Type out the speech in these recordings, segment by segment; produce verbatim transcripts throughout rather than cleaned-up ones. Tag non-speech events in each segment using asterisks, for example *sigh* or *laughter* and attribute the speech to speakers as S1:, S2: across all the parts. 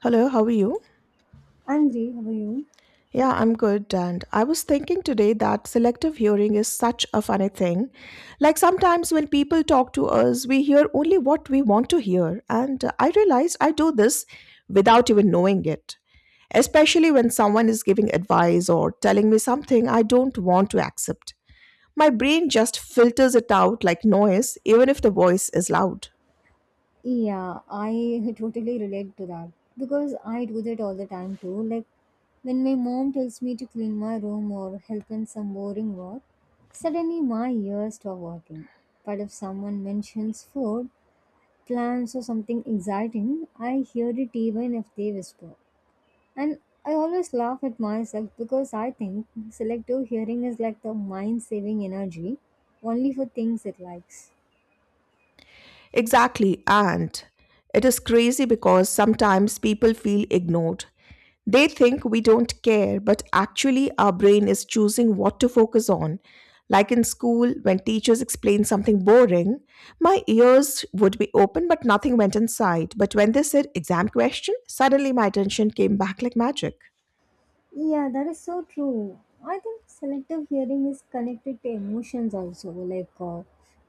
S1: Hello, how are you?
S2: I'm great. How are you?
S1: Yeah, I'm good. And I was thinking today that selective hearing is such a funny thing. Like sometimes when people talk to us, we hear only what we want to hear. And uh, I realized I do this without even knowing it, especially when someone is giving advice or telling me something I don't want to accept. My brain just filters it out like noise, even if the voice is loud.
S2: Yeah, I *laughs* totally relate to that because I do that all the time too. Like when my mom tells me to clean my room or help in some boring work, suddenly my ears stop working. But if someone mentions food, plans, or something exciting, I hear it even if they whisper. And I always laugh at myself because I think selective hearing is like the mind saving energy only for things it likes.
S1: Exactly, and it is crazy because sometimes people feel ignored. They think we don't care, but actually, our brain is choosing what to focus on. Like in school, when teachers explain something boring, my ears would be open, but nothing went inside. But when they said exam question, suddenly my attention came back like magic.
S2: Yeah, that is so true. I think selective hearing is connected to emotions also. Like, uh,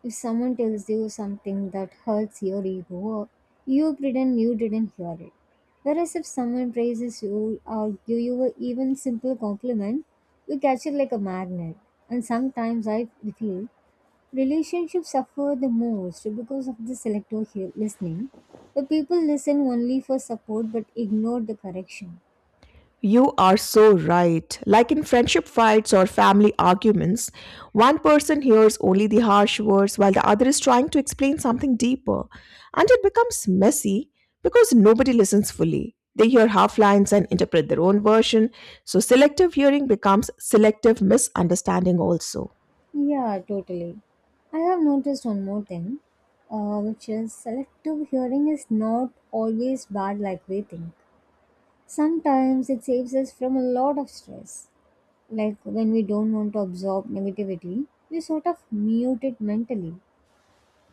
S2: if someone tells you something that hurts your ego, you pretend you didn't hear it. Whereas if someone praises you or give you a even simple compliment, you catch it like a magnet. And sometimes I feel relationships suffer the most because of the selective hear- listening. The people listen only for support but ignore the correction.
S1: You are so right. Like in friendship fights or family arguments, one person hears only the harsh words while the other is trying to explain something deeper. And it becomes messy because nobody listens fully. They hear half lines and interpret their own version. So selective hearing becomes selective misunderstanding also.
S2: Yeah, totally. I have noticed one more thing, uh, which is selective hearing is not always bad like we think. Sometimes it saves us from a lot of stress. Like when we don't want to absorb negativity, we sort of mute it mentally.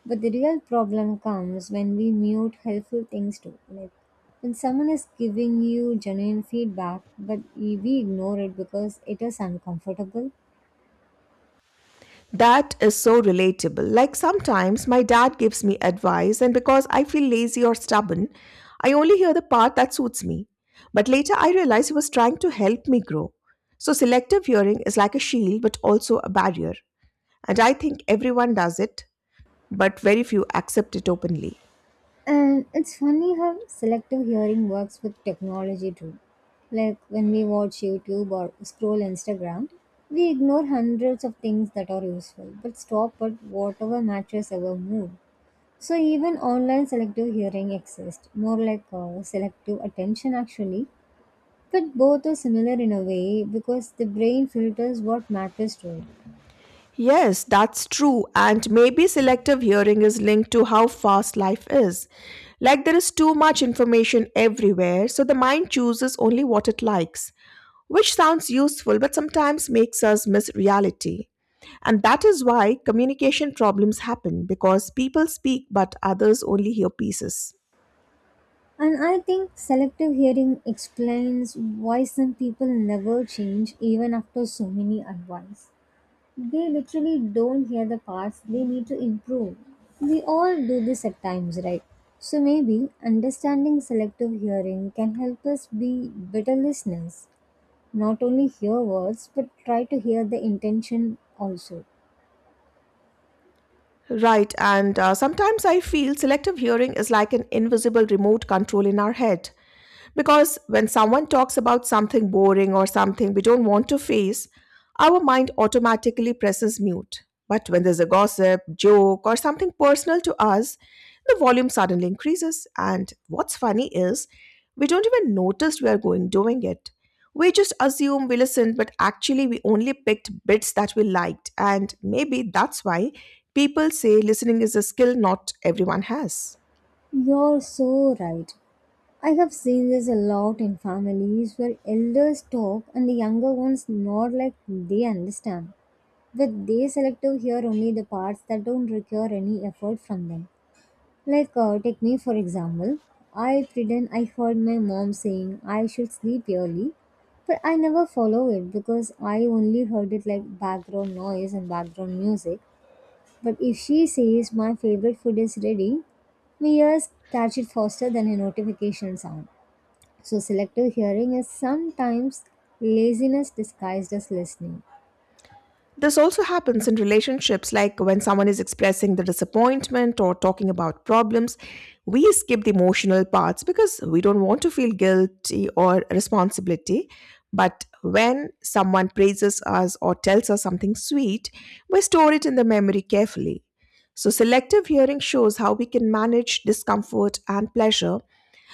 S2: But the real problem comes when we mute helpful things too. Like when someone is giving you genuine feedback, but we we ignore it because it is uncomfortable.
S1: That is so relatable. Like sometimes my dad gives me advice, and because I feel lazy or stubborn, I only hear the part that suits me. But later I realize he was trying to help me grow. So selective hearing is like a shield but also a barrier. And I think everyone does it, but very few accept it openly.
S2: And it's funny how selective hearing works with technology too. Like when we watch YouTube or scroll Instagram, we ignore hundreds of things that are useful but stop at whatever matches our mood. So even online selective hearing exists, more like uh, selective attention actually. But both are similar in a way because the brain filters what matters to it.
S1: Yes, that's true. And maybe selective hearing is linked to how fast life is. Like there is too much information everywhere, so the mind chooses only what it likes, which sounds useful but sometimes makes us miss reality. And that is why communication problems happen because people speak but others only hear pieces.
S2: And I think selective hearing explains why some people never change even after so many advice. They literally don't hear the parts they need to improve. We all do this at times, right? So maybe understanding selective hearing can help us be better listeners. Not only hear words, but try to hear the intention also.
S1: Right, and uh, sometimes I feel selective hearing is like an invisible remote control in our head. Because when someone talks about something boring or something we don't want to face, our mind automatically presses mute. But when there's a gossip, joke, or something personal to us, the volume suddenly increases. And what's funny is we don't even notice we are going doing it. We just assume we listened, but actually we only picked bits that we liked. And maybe that's why people say listening is a skill not everyone has.
S2: You're so right. I have seen this a lot in families where elders talk and the younger ones nod like they understand. But they selective hear only the parts that don't require any effort from them. Like, uh, take me for example. I pretend I heard my mom saying I should sleep early, but I never follow it because I only heard it like background noise and background music, but if she says my favorite food is ready, my ears catch it faster than a notification sound. So selective hearing is sometimes laziness disguised as listening.
S1: This also happens in relationships, like when someone is expressing the disappointment or talking about problems. We skip the emotional parts because we don't want to feel guilty or responsibility. But when someone praises us or tells us something sweet, we store it in the memory carefully. So, selective hearing shows how we can manage discomfort and pleasure.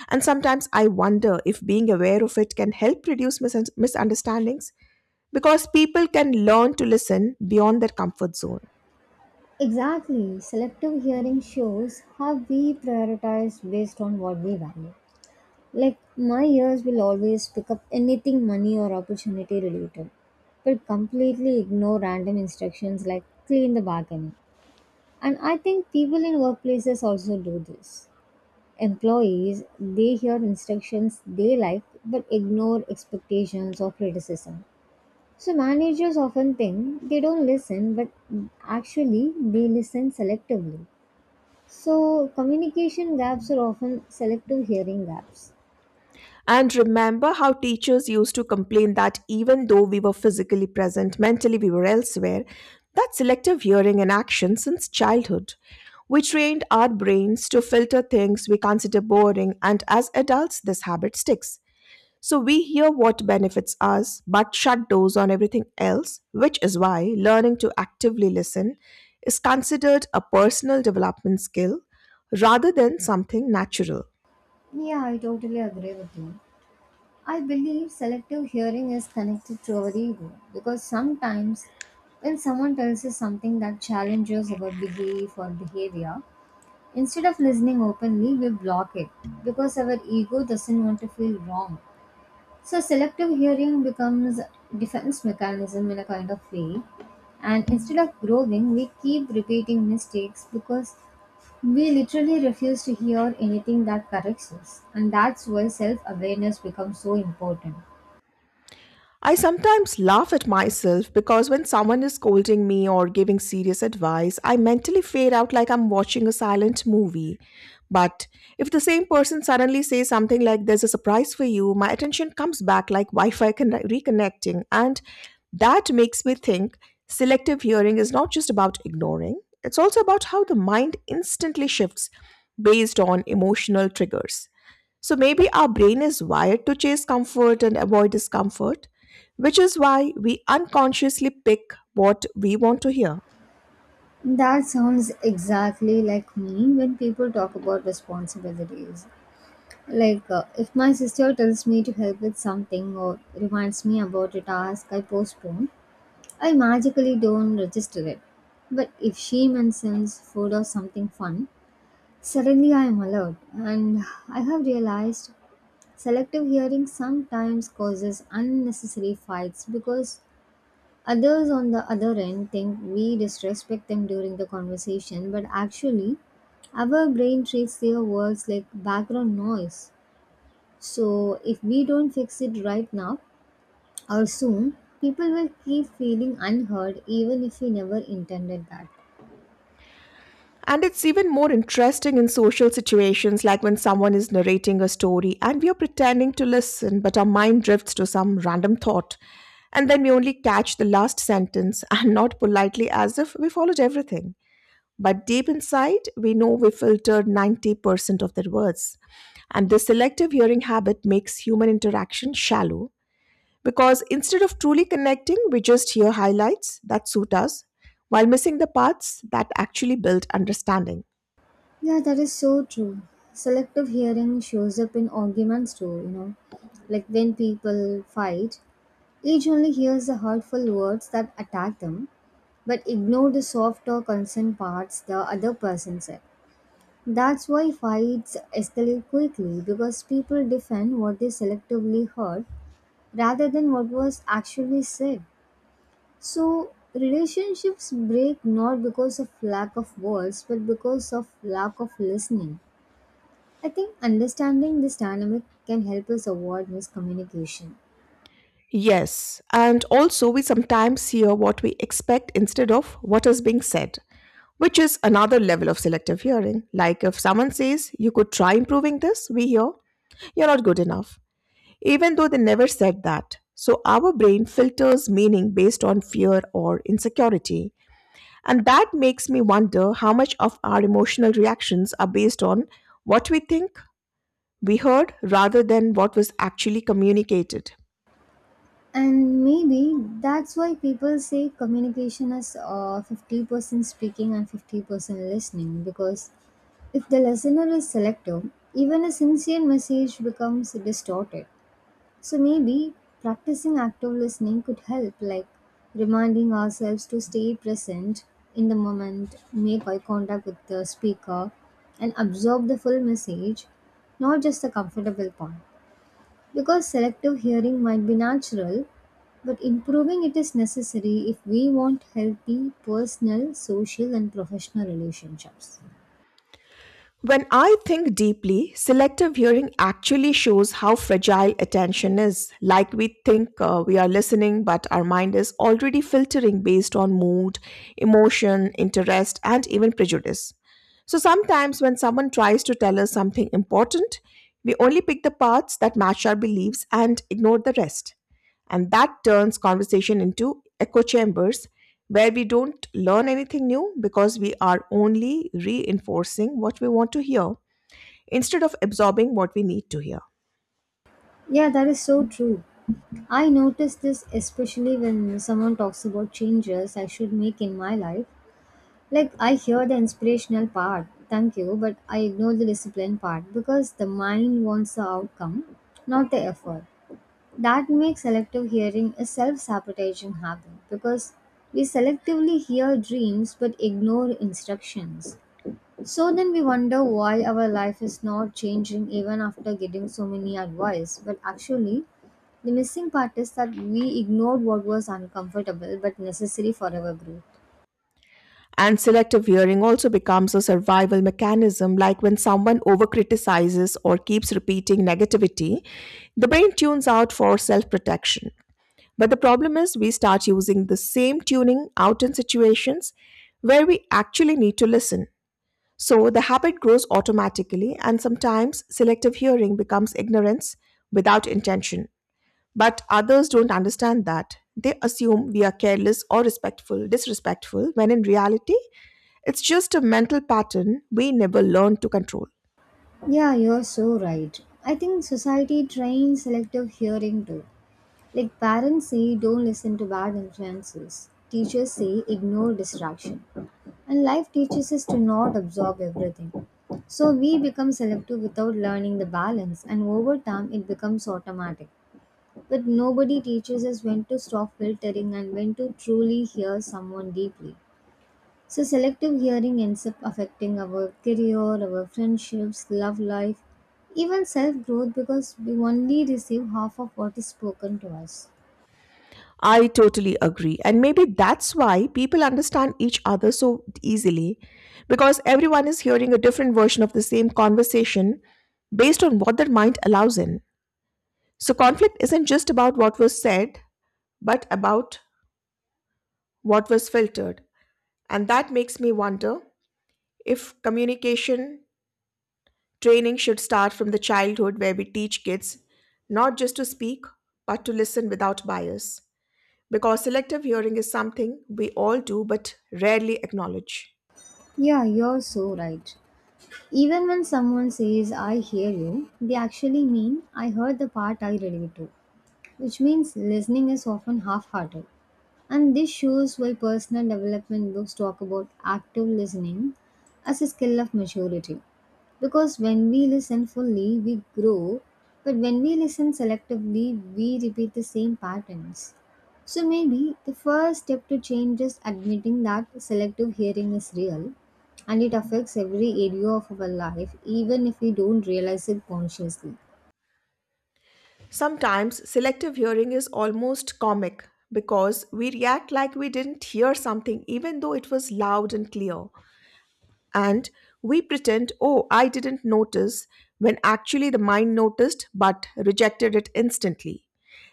S1: And sometimes I wonder if being aware of it can help reduce mis- misunderstandings because people can learn to listen beyond their comfort zone.
S2: Exactly. Selective hearing shows how we prioritize based on what we value. Like my ears will always pick up anything money or opportunity related, but completely ignore random instructions like clean the balcony. And I think people in workplaces also do this. Employees, they hear instructions they like but ignore expectations or criticism. So managers often think they don't listen, but actually they listen selectively. So communication gaps are often selective hearing gaps.
S1: And remember how teachers used to complain that even though we were physically present, mentally we were elsewhere. That's selective hearing in action since childhood. We trained our brains to filter things we consider boring, and as adults, this habit sticks. So we hear what benefits us but shut doors on everything else, which is why learning to actively listen is considered a personal development skill rather than something natural.
S2: Yeah, I totally agree with you. I believe selective hearing is connected to our ego because sometimes when someone tells us something that challenges our belief or behavior, instead of listening openly, we block it because our ego doesn't want to feel wrong. So selective hearing becomes defense mechanism in a kind of way. And instead of growing, we keep repeating mistakes because we literally refuse to hear anything that corrects us. And that's why self awareness becomes so important.
S1: I sometimes laugh at myself because when someone is scolding me or giving serious advice, I mentally fade out like I'm watching a silent movie. But if the same person suddenly says something like, "There's a surprise for you," my attention comes back like Wi Fi conne- reconnecting. And that makes me think selective hearing is not just about ignoring, it's also about how the mind instantly shifts based on emotional triggers. So maybe our brain is wired to chase comfort and avoid discomfort, which is why we unconsciously pick what we want to hear.
S2: That sounds exactly like me when people talk about responsibilities. Like, uh, if my sister tells me to help with something or reminds me about a task I postpone, I magically don't register it. But if she mentions food or something fun, suddenly I am alert. And I have realized selective hearing sometimes causes unnecessary fights because others on the other end think we disrespect them during the conversation, but actually, our brain treats their words like background noise. So, if we don't fix it right now or soon, people will keep feeling unheard even if we never intended that.
S1: And it's even more interesting in social situations like when someone is narrating a story and we are pretending to listen, but our mind drifts to some random thought. And then we only catch the last sentence *laughs* and not politely as if we followed everything. But deep inside, we know we filtered ninety percent of their words. And this selective hearing habit makes human interaction shallow because instead of truly connecting, we just hear highlights that suit us while missing the parts that actually build understanding.
S2: Yeah, that is so true. Selective hearing shows up in arguments too, you know. Like when people fight, each only hears the hurtful words that attack them, but ignore the soft or concerned parts the other person said. That's why fights escalate quickly because people defend what they selectively heard rather than what was actually said. So, relationships break not because of lack of words but because of lack of listening. I think understanding this dynamic can help us avoid miscommunication.
S1: Yes, and also we sometimes hear what we expect instead of what is being said, which is another level of selective hearing. Like if someone says, "You could try improving this," we hear, "You're not good enough," even though they never said that. So our brain filters meaning based on fear or insecurity. And that makes me wonder how much of our emotional reactions are based on what we think we heard rather than what was actually communicated.
S2: And maybe that's why people say communication is uh, fifty percent speaking and fifty percent listening because if the listener is selective, even a sincere message becomes distorted. So maybe practicing active listening could help, like reminding ourselves to stay present in the moment, make eye contact with the speaker, and absorb the full message, not just the comfortable part. Because selective hearing might be natural, but improving it is necessary if we want healthy personal, social, and professional relationships.
S1: When I think deeply, selective hearing actually shows how fragile attention is. Like we think uh, we are listening, but our mind is already filtering based on mood, emotion, interest, and even prejudice. So sometimes when someone tries to tell us something important, we only pick the parts that match our beliefs and ignore the rest. And that turns conversation into echo chambers where we don't learn anything new because we are only reinforcing what we want to hear instead of absorbing what we need to hear.
S2: Yeah, that is so true. I notice this especially when someone talks about changes I should make in my life. Like, I hear the inspirational part, thank you, but I ignore the discipline part because the mind wants the outcome, not the effort. That makes selective hearing a self sabotaging habit because we selectively hear dreams but ignore instructions. So then we wonder why our life is not changing even after getting so many advice, but actually, the missing part is that we ignored what was uncomfortable but necessary for our growth.
S1: And selective hearing also becomes a survival mechanism, like when someone overcriticizes or keeps repeating negativity, the brain tunes out for self protection. But the problem is, we start using the same tuning out in situations where we actually need to listen. So the habit grows automatically, and sometimes selective hearing becomes ignorance without intention. But others don't understand that. They assume we are careless or respectful, disrespectful, when in reality, it's just a mental pattern we never learned to control.
S2: Yeah, you're so right. I think society trains selective hearing too. Like parents say, don't listen to bad influences. Teachers say, ignore distraction. And life teaches us to not absorb everything. So we become selective without learning the balance, and over time it becomes automatic. But nobody teaches us when to stop filtering and when to truly hear someone deeply. So, selective hearing ends up affecting our career, our friendships, love life, even self growth because we only receive half of what is spoken to us.
S1: I totally agree. And maybe that's why people understand each other so easily because everyone is hearing a different version of the same conversation based on what their mind allows in. So, conflict isn't just about what was said, but about what was filtered. And that makes me wonder if communication training should start from the childhood, where we teach kids not just to speak, but to listen without bias. Because selective hearing is something we all do but rarely acknowledge.
S2: Yeah, you're so right. Even when someone says, I hear you, they actually mean, I heard the part I relate to, which means listening is often half hearted. And this shows why personal development books talk about active listening as a skill of maturity. Because when we listen fully, we grow, but when we listen selectively, we repeat the same patterns. So maybe the first step to change is admitting that selective hearing is real and it affects every area of our life, even if we don't realize it consciously.
S1: Sometimes selective hearing is almost comic because we react like we didn't hear something even though it was loud and clear. And we pretend, "Oh, I didn't notice," when actually the mind noticed but rejected it instantly.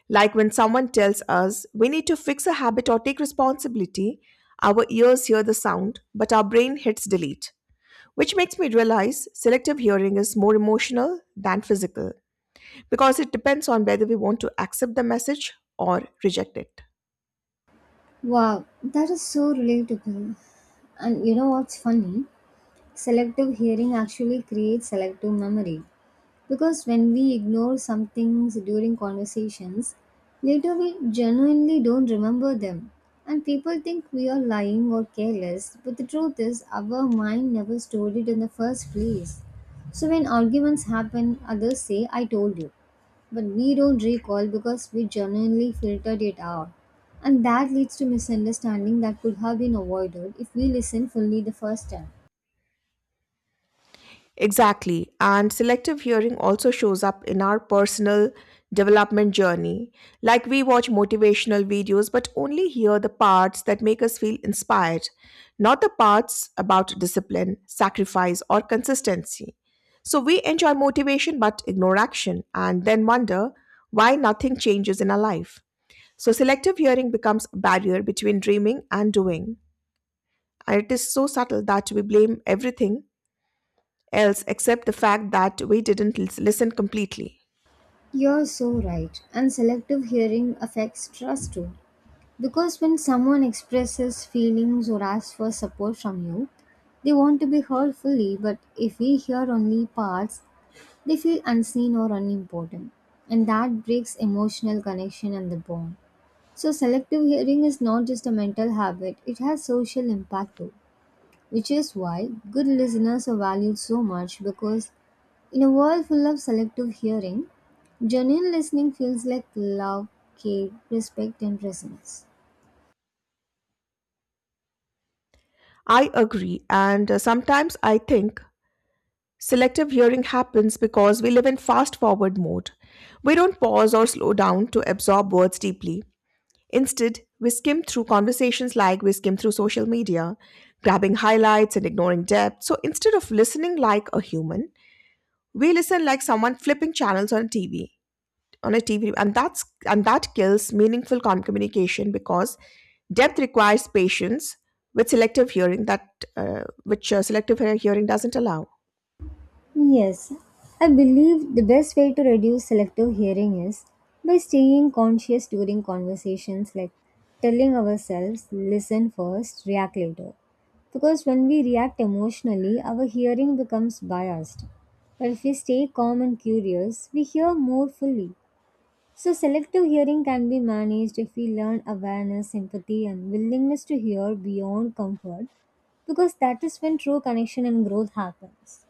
S1: Like when someone tells us we need to fix a habit or take responsibility, our ears hear the sound, but our brain hits delete. Which makes me realize selective hearing is more emotional than physical because it depends on whether we want to accept the message or reject it.
S2: Wow, that is so relatable. And you know what's funny? Selective hearing actually creates selective memory. Because when we ignore some things during conversations, later we genuinely don't remember them. And people think we are lying or careless, but the truth is, our mind never stored it in the first place. So when arguments happen, others say, I told you. But we don't recall because we genuinely filtered it out. And that leads to misunderstanding that could have been avoided if we listened fully the first time.
S1: Exactly. And selective hearing also shows up in our personal development journey. Like we watch motivational videos, but only hear the parts that make us feel inspired, not the parts about discipline, sacrifice, or consistency. So we enjoy motivation but ignore action and then wonder why nothing changes in our life. So selective hearing becomes a barrier between dreaming and doing. And it is so subtle that we blame everything else except the fact that we didn't lis- listen completely.
S2: You're so right. And selective hearing affects trust too. Because when someone expresses feelings or asks for support from you, they want to be heard fully, but if we hear only parts, they feel unseen or unimportant. And that breaks emotional connection and the bond. So, selective hearing is not just a mental habit, it has social impact too, which is why good listeners are valued so much because in a world full of selective hearing, genuine listening feels like love, care, respect, and presence.
S1: I agree, and uh, sometimes I think selective hearing happens because we live in fast forward mode. We don't pause or slow down to absorb words deeply. Instead, we skim through conversations like we skim through social media, grabbing highlights and ignoring depth. So instead of listening like a human, we listen like someone flipping channels on T V. on a T V, and that's and that kills meaningful com- communication because depth requires patience with selective hearing that uh, which uh, selective hear- hearing doesn't allow.
S2: Yes, I believe the best way to reduce selective hearing is by staying conscious during conversations, like telling ourselves, listen first, react later. Because when we react emotionally, our hearing becomes biased. But if we stay calm and curious, we hear more fully. So, selective hearing can be managed if we learn awareness, empathy, and willingness to hear beyond comfort, because that is when true connection and growth happens.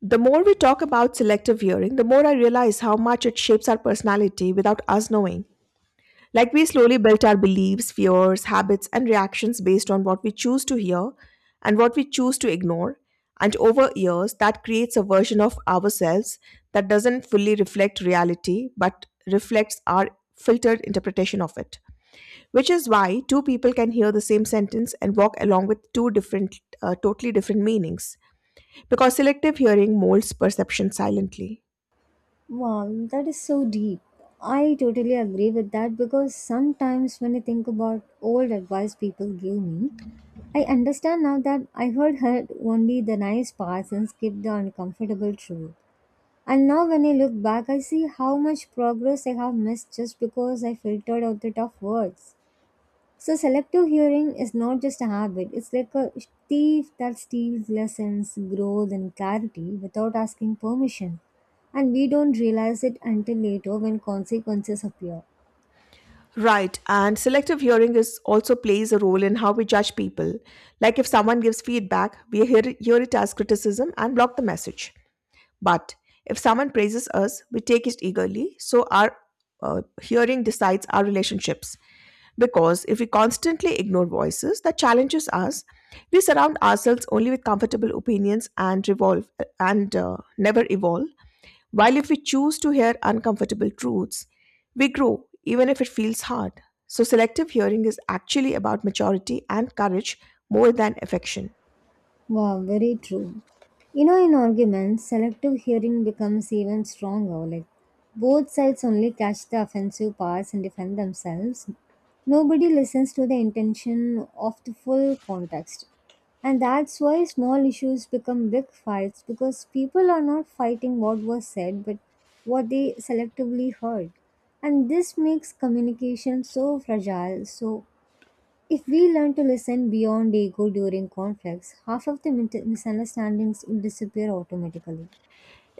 S1: The more we talk about selective hearing, the more I realize how much it shapes our personality without us knowing. Like we slowly built our beliefs, fears, habits, and reactions based on what we choose to hear and what we choose to ignore. And over years, that creates a version of ourselves that doesn't fully reflect reality but reflects our filtered interpretation of it. Which is why two people can hear the same sentence and walk along with two different, uh, totally different meanings. Because selective hearing molds perception silently.
S2: Wow, that is so deep. I totally agree with that because sometimes when I think about old advice people gave me, I understand now that I heard heard only the nice parts and skipped the uncomfortable truth. And now when I look back, I see how much progress I have missed just because I filtered out the tough words. So selective hearing is not just a habit, it's like a thief that steals lessons, growth, and clarity without asking permission. And we don't realize it until later when consequences appear.
S1: Right, and selective hearing is also plays a role in how we judge people. Like if someone gives feedback, we hear, hear it as criticism and block the message. But if someone praises us, we take it eagerly. So our uh, hearing decides our relationships. Because if we constantly ignore voices that challenges us, we surround ourselves only with comfortable opinions and revolve and uh, never evolve. While if we choose to hear uncomfortable truths, we grow even if it feels hard. So, selective hearing is actually about maturity and courage more than affection.
S2: Wow, very true. You know, in arguments, selective hearing becomes even stronger. Like, both sides only catch the offensive parts and defend themselves. Nobody listens to the intention of the full context. And that's why small issues become big fights because people are not fighting what was said but what they selectively heard. And this makes communication so fragile, so if we learn to listen beyond ego during conflicts, half of the mit- misunderstandings would disappear automatically.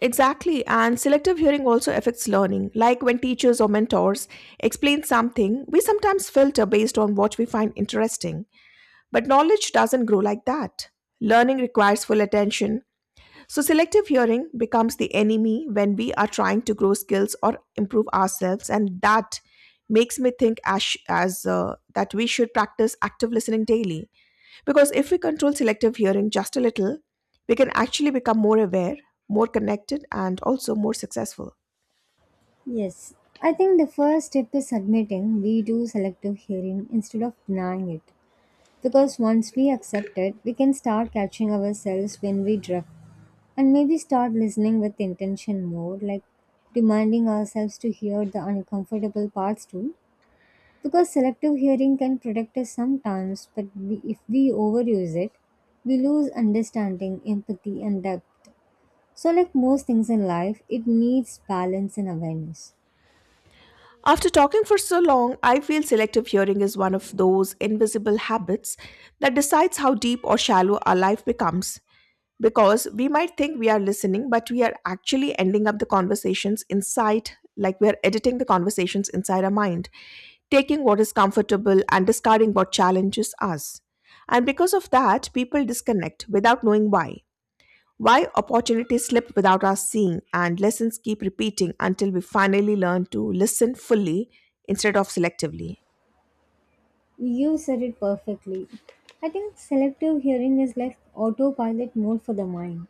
S1: Exactly, and selective hearing also affects learning. Like when teachers or mentors explain something, we sometimes filter based on what we find interesting. But knowledge doesn't grow like that. Learning requires full attention. So, selective hearing becomes the enemy when we are trying to grow skills or improve ourselves, and that makes me think as, as uh, that we should practice active listening daily. Because if we control selective hearing just a little, we can actually become more aware, more connected, and also more successful.
S2: Yes, I think the first step is admitting we do selective hearing instead of denying it. Because once we accept it, we can start catching ourselves when we drift and maybe start listening with intention more, like reminding ourselves to hear the uncomfortable parts too. Because selective hearing can protect us sometimes, but we, if we overuse it, we lose understanding, empathy, and depth. So, like most things in life, it needs balance and awareness.
S1: After talking for so long, I feel selective hearing is one of those invisible habits that decides how deep or shallow our life becomes. Because we might think we are listening, but we are actually ending up the conversations inside, like we are editing the conversations inside our mind, taking what is comfortable and discarding what challenges us. And because of that, people disconnect without knowing why. Why opportunities slip without us seeing and lessons keep repeating until we finally learn to listen fully instead of selectively.
S2: You said it perfectly. I think selective hearing is like autopilot mode for the mind.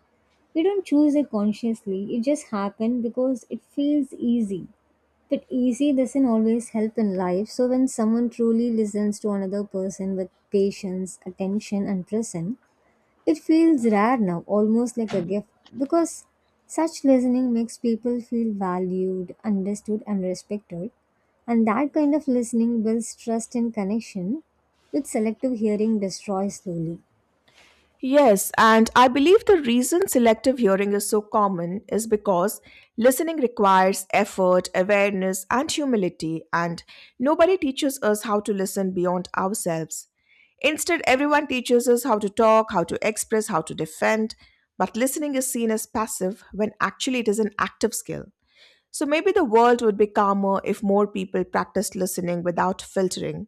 S2: We don't choose it consciously, it just happens because it feels easy. That easy doesn't always help in life. So, when someone truly listens to another person with patience, attention, and presence, it feels rare now, almost like a gift, because such listening makes people feel valued, understood, and respected. And that kind of listening builds trust and connection, which selective hearing destroys slowly.
S1: Yes, and I believe the reason selective hearing is so common is because listening requires effort, awareness, and humility, and nobody teaches us how to listen beyond ourselves. Instead, everyone teaches us how to talk, how to express, how to defend, but listening is seen as passive when actually it is an active skill. So maybe the world would be calmer if more people practiced listening without filtering.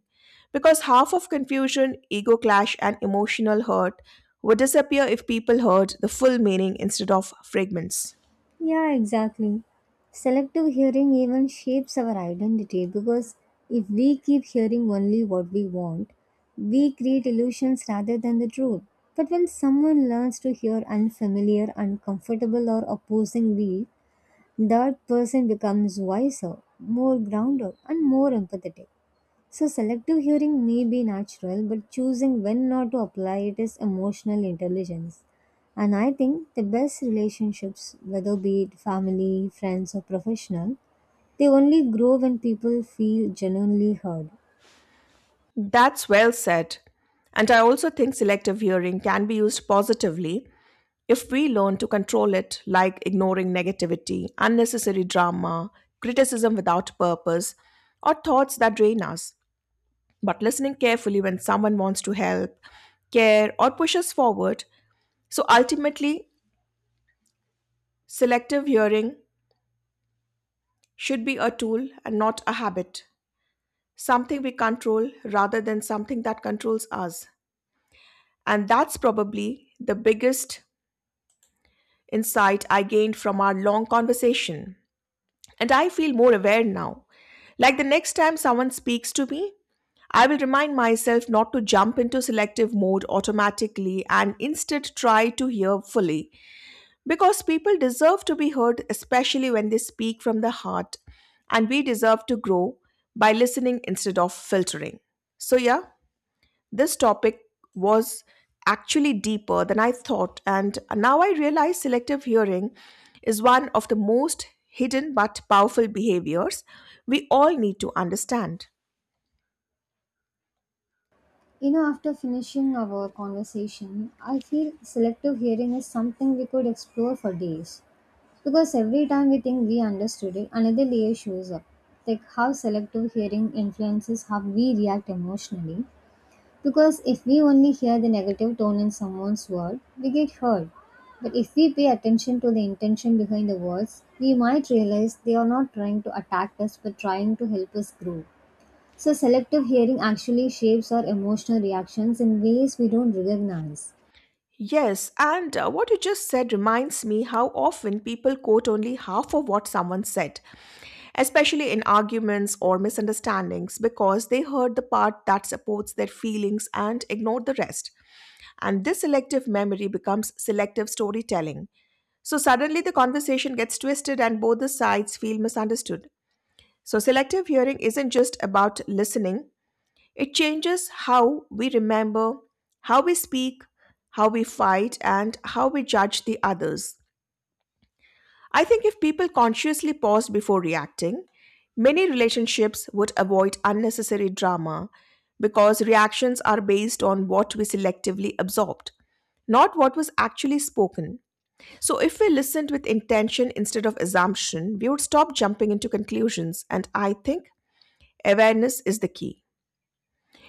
S1: Because half of confusion, ego clash, and emotional hurt would disappear if people heard the full meaning instead of fragments.
S2: Yeah, exactly. Selective hearing even shapes our identity because if we keep hearing only what we want, we create illusions rather than the truth. But when someone learns to hear unfamiliar, uncomfortable, or opposing views, that person becomes wiser, more grounded, and more empathetic. So, selective hearing may be natural, but choosing when not to apply it is emotional intelligence. And I think the best relationships, whether be it family, friends, or professional, they only grow when people feel genuinely heard.
S1: That's well said. And I also think selective hearing can be used positively if we learn to control it, like ignoring negativity, unnecessary drama, criticism without purpose, or thoughts that drain us. But listening carefully when someone wants to help, care, or pushes forward. So ultimately, selective hearing should be a tool and not a habit, something we control rather than something that controls us. And that's probably the biggest insight I gained from our long conversation. And I feel more aware now. Like the next time someone speaks to me, I will remind myself not to jump into selective mode automatically and instead try to hear fully. Because people deserve to be heard, especially when they speak from the heart, and we deserve to grow by listening instead of filtering. So, yeah, this topic was actually deeper than I thought, and now I realize selective hearing is one of the most hidden but powerful behaviors we all need to understand.
S2: You know, after finishing our conversation, I feel selective hearing is something we could explore for days. Because every time we think we understood it, another layer shows up. Like how selective hearing influences how we react emotionally. Because if we only hear the negative tone in someone's word, we get hurt. But if we pay attention to the intention behind the words, we might realize they are not trying to attack us but trying to help us grow. So, selective hearing actually shapes our emotional reactions in ways we don't recognize.
S1: Yes, and uh, what you just said reminds me how often people quote only half of what someone said, especially in arguments or misunderstandings, because they heard the part that supports their feelings and ignored the rest. And this selective memory becomes selective storytelling. So suddenly the conversation gets twisted and both the sides feel misunderstood. So selective hearing isn't just about listening, it changes how we remember, how we speak, how we fight, and how we judge the others. I think if people consciously paused before reacting, many relationships would avoid unnecessary drama because reactions are based on what we selectively absorbed, not what was actually spoken. So, if we listened with intention instead of assumption, we would stop jumping into conclusions, and I think awareness is the key.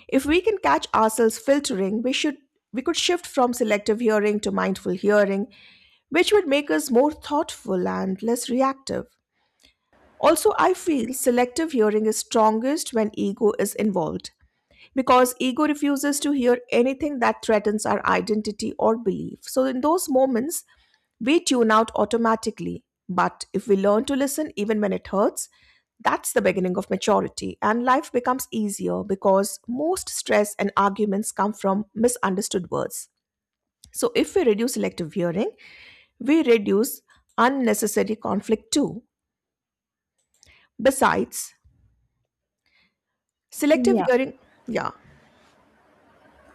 S1: If we can catch ourselves filtering, we should we could shift from selective hearing to mindful hearing, which would make us more thoughtful and less reactive. Also, I feel selective hearing is strongest when ego is involved because ego refuses to hear anything that threatens our identity or belief. So, in those moments, we tune out automatically. But if we learn to listen even when it hurts, that's the beginning of maturity, and life becomes easier because most stress and arguments come from misunderstood words. So, if we reduce selective hearing, we reduce unnecessary conflict too. Besides, selective
S2: Yeah.
S1: hearing, yeah.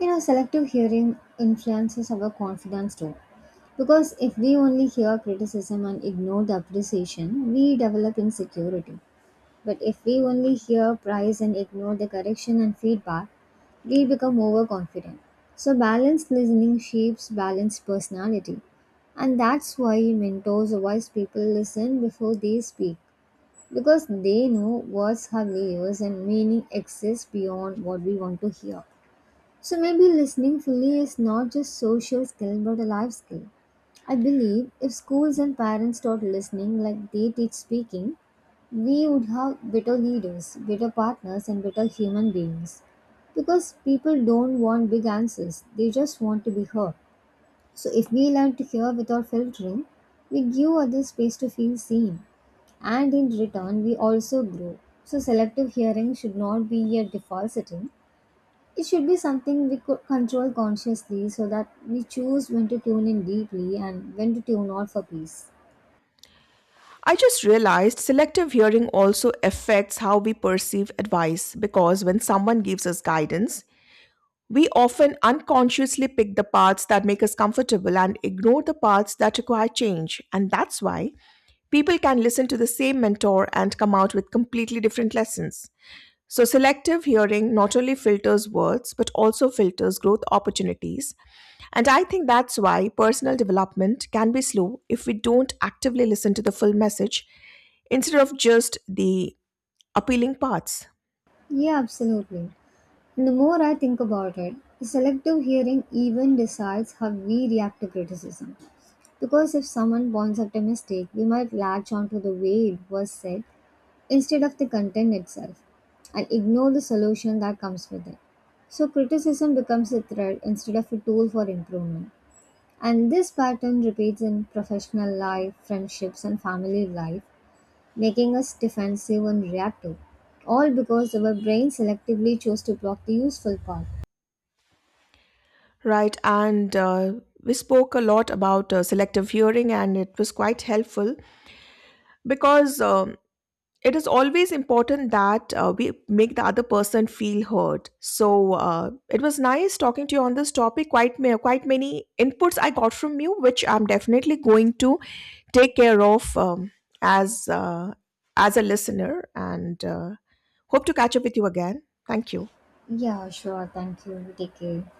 S2: You know, selective hearing influences our confidence too. Because if we only hear criticism and ignore the appreciation, we develop insecurity. But if we only hear praise and ignore the correction and feedback, we become overconfident. So, balanced listening shapes balanced personality. And that's why mentors or wise people listen before they speak because they know words have layers and meaning exists beyond what we want to hear. So maybe listening fully is not just social skill but a life skill. I believe if schools and parents taught listening like they teach speaking, we would have better leaders, better partners and better human beings. Because people don't want big answers, they just want to be heard. So if we learn to hear without filtering, we give others space to feel seen and in return we also grow. So selective hearing should not be a default setting. It should be something we could control consciously so that we choose when to tune in deeply and when to tune out for peace.
S1: I just realized selective hearing also affects how we perceive advice because when someone gives us guidance, we often unconsciously pick the parts that make us comfortable and ignore the parts that require change. And that's why people can listen to the same mentor and come out with completely different lessons. So, selective hearing not only filters words but also filters growth opportunities. And I think that's why personal development can be slow if we don't actively listen to the full message instead of just the appealing parts,
S2: Yeah, absolutely. And the more I think about it, selective hearing even decides how we react to criticism. Because if someone points out a mistake, we might latch onto the way it was said instead of the content itself and ignore the solution that comes with it. So criticism becomes a threat instead of a tool for improvement. And this pattern repeats in professional life, friendships, and family life, making us defensive and reactive, all because our brain selectively chose to block the useful part.
S1: right? And uh, we spoke a lot about uh, selective hearing, and it was quite helpful because um it is always important that uh, we make the other person feel heard. So uh, it was nice talking to you on this topic. Quite ma- quite many inputs I got from you, which I'm definitely going to take care of um, as uh, as a listener, and uh, hope to catch up with you again. Thank you.
S2: Yeah, sure, thank you. Take care.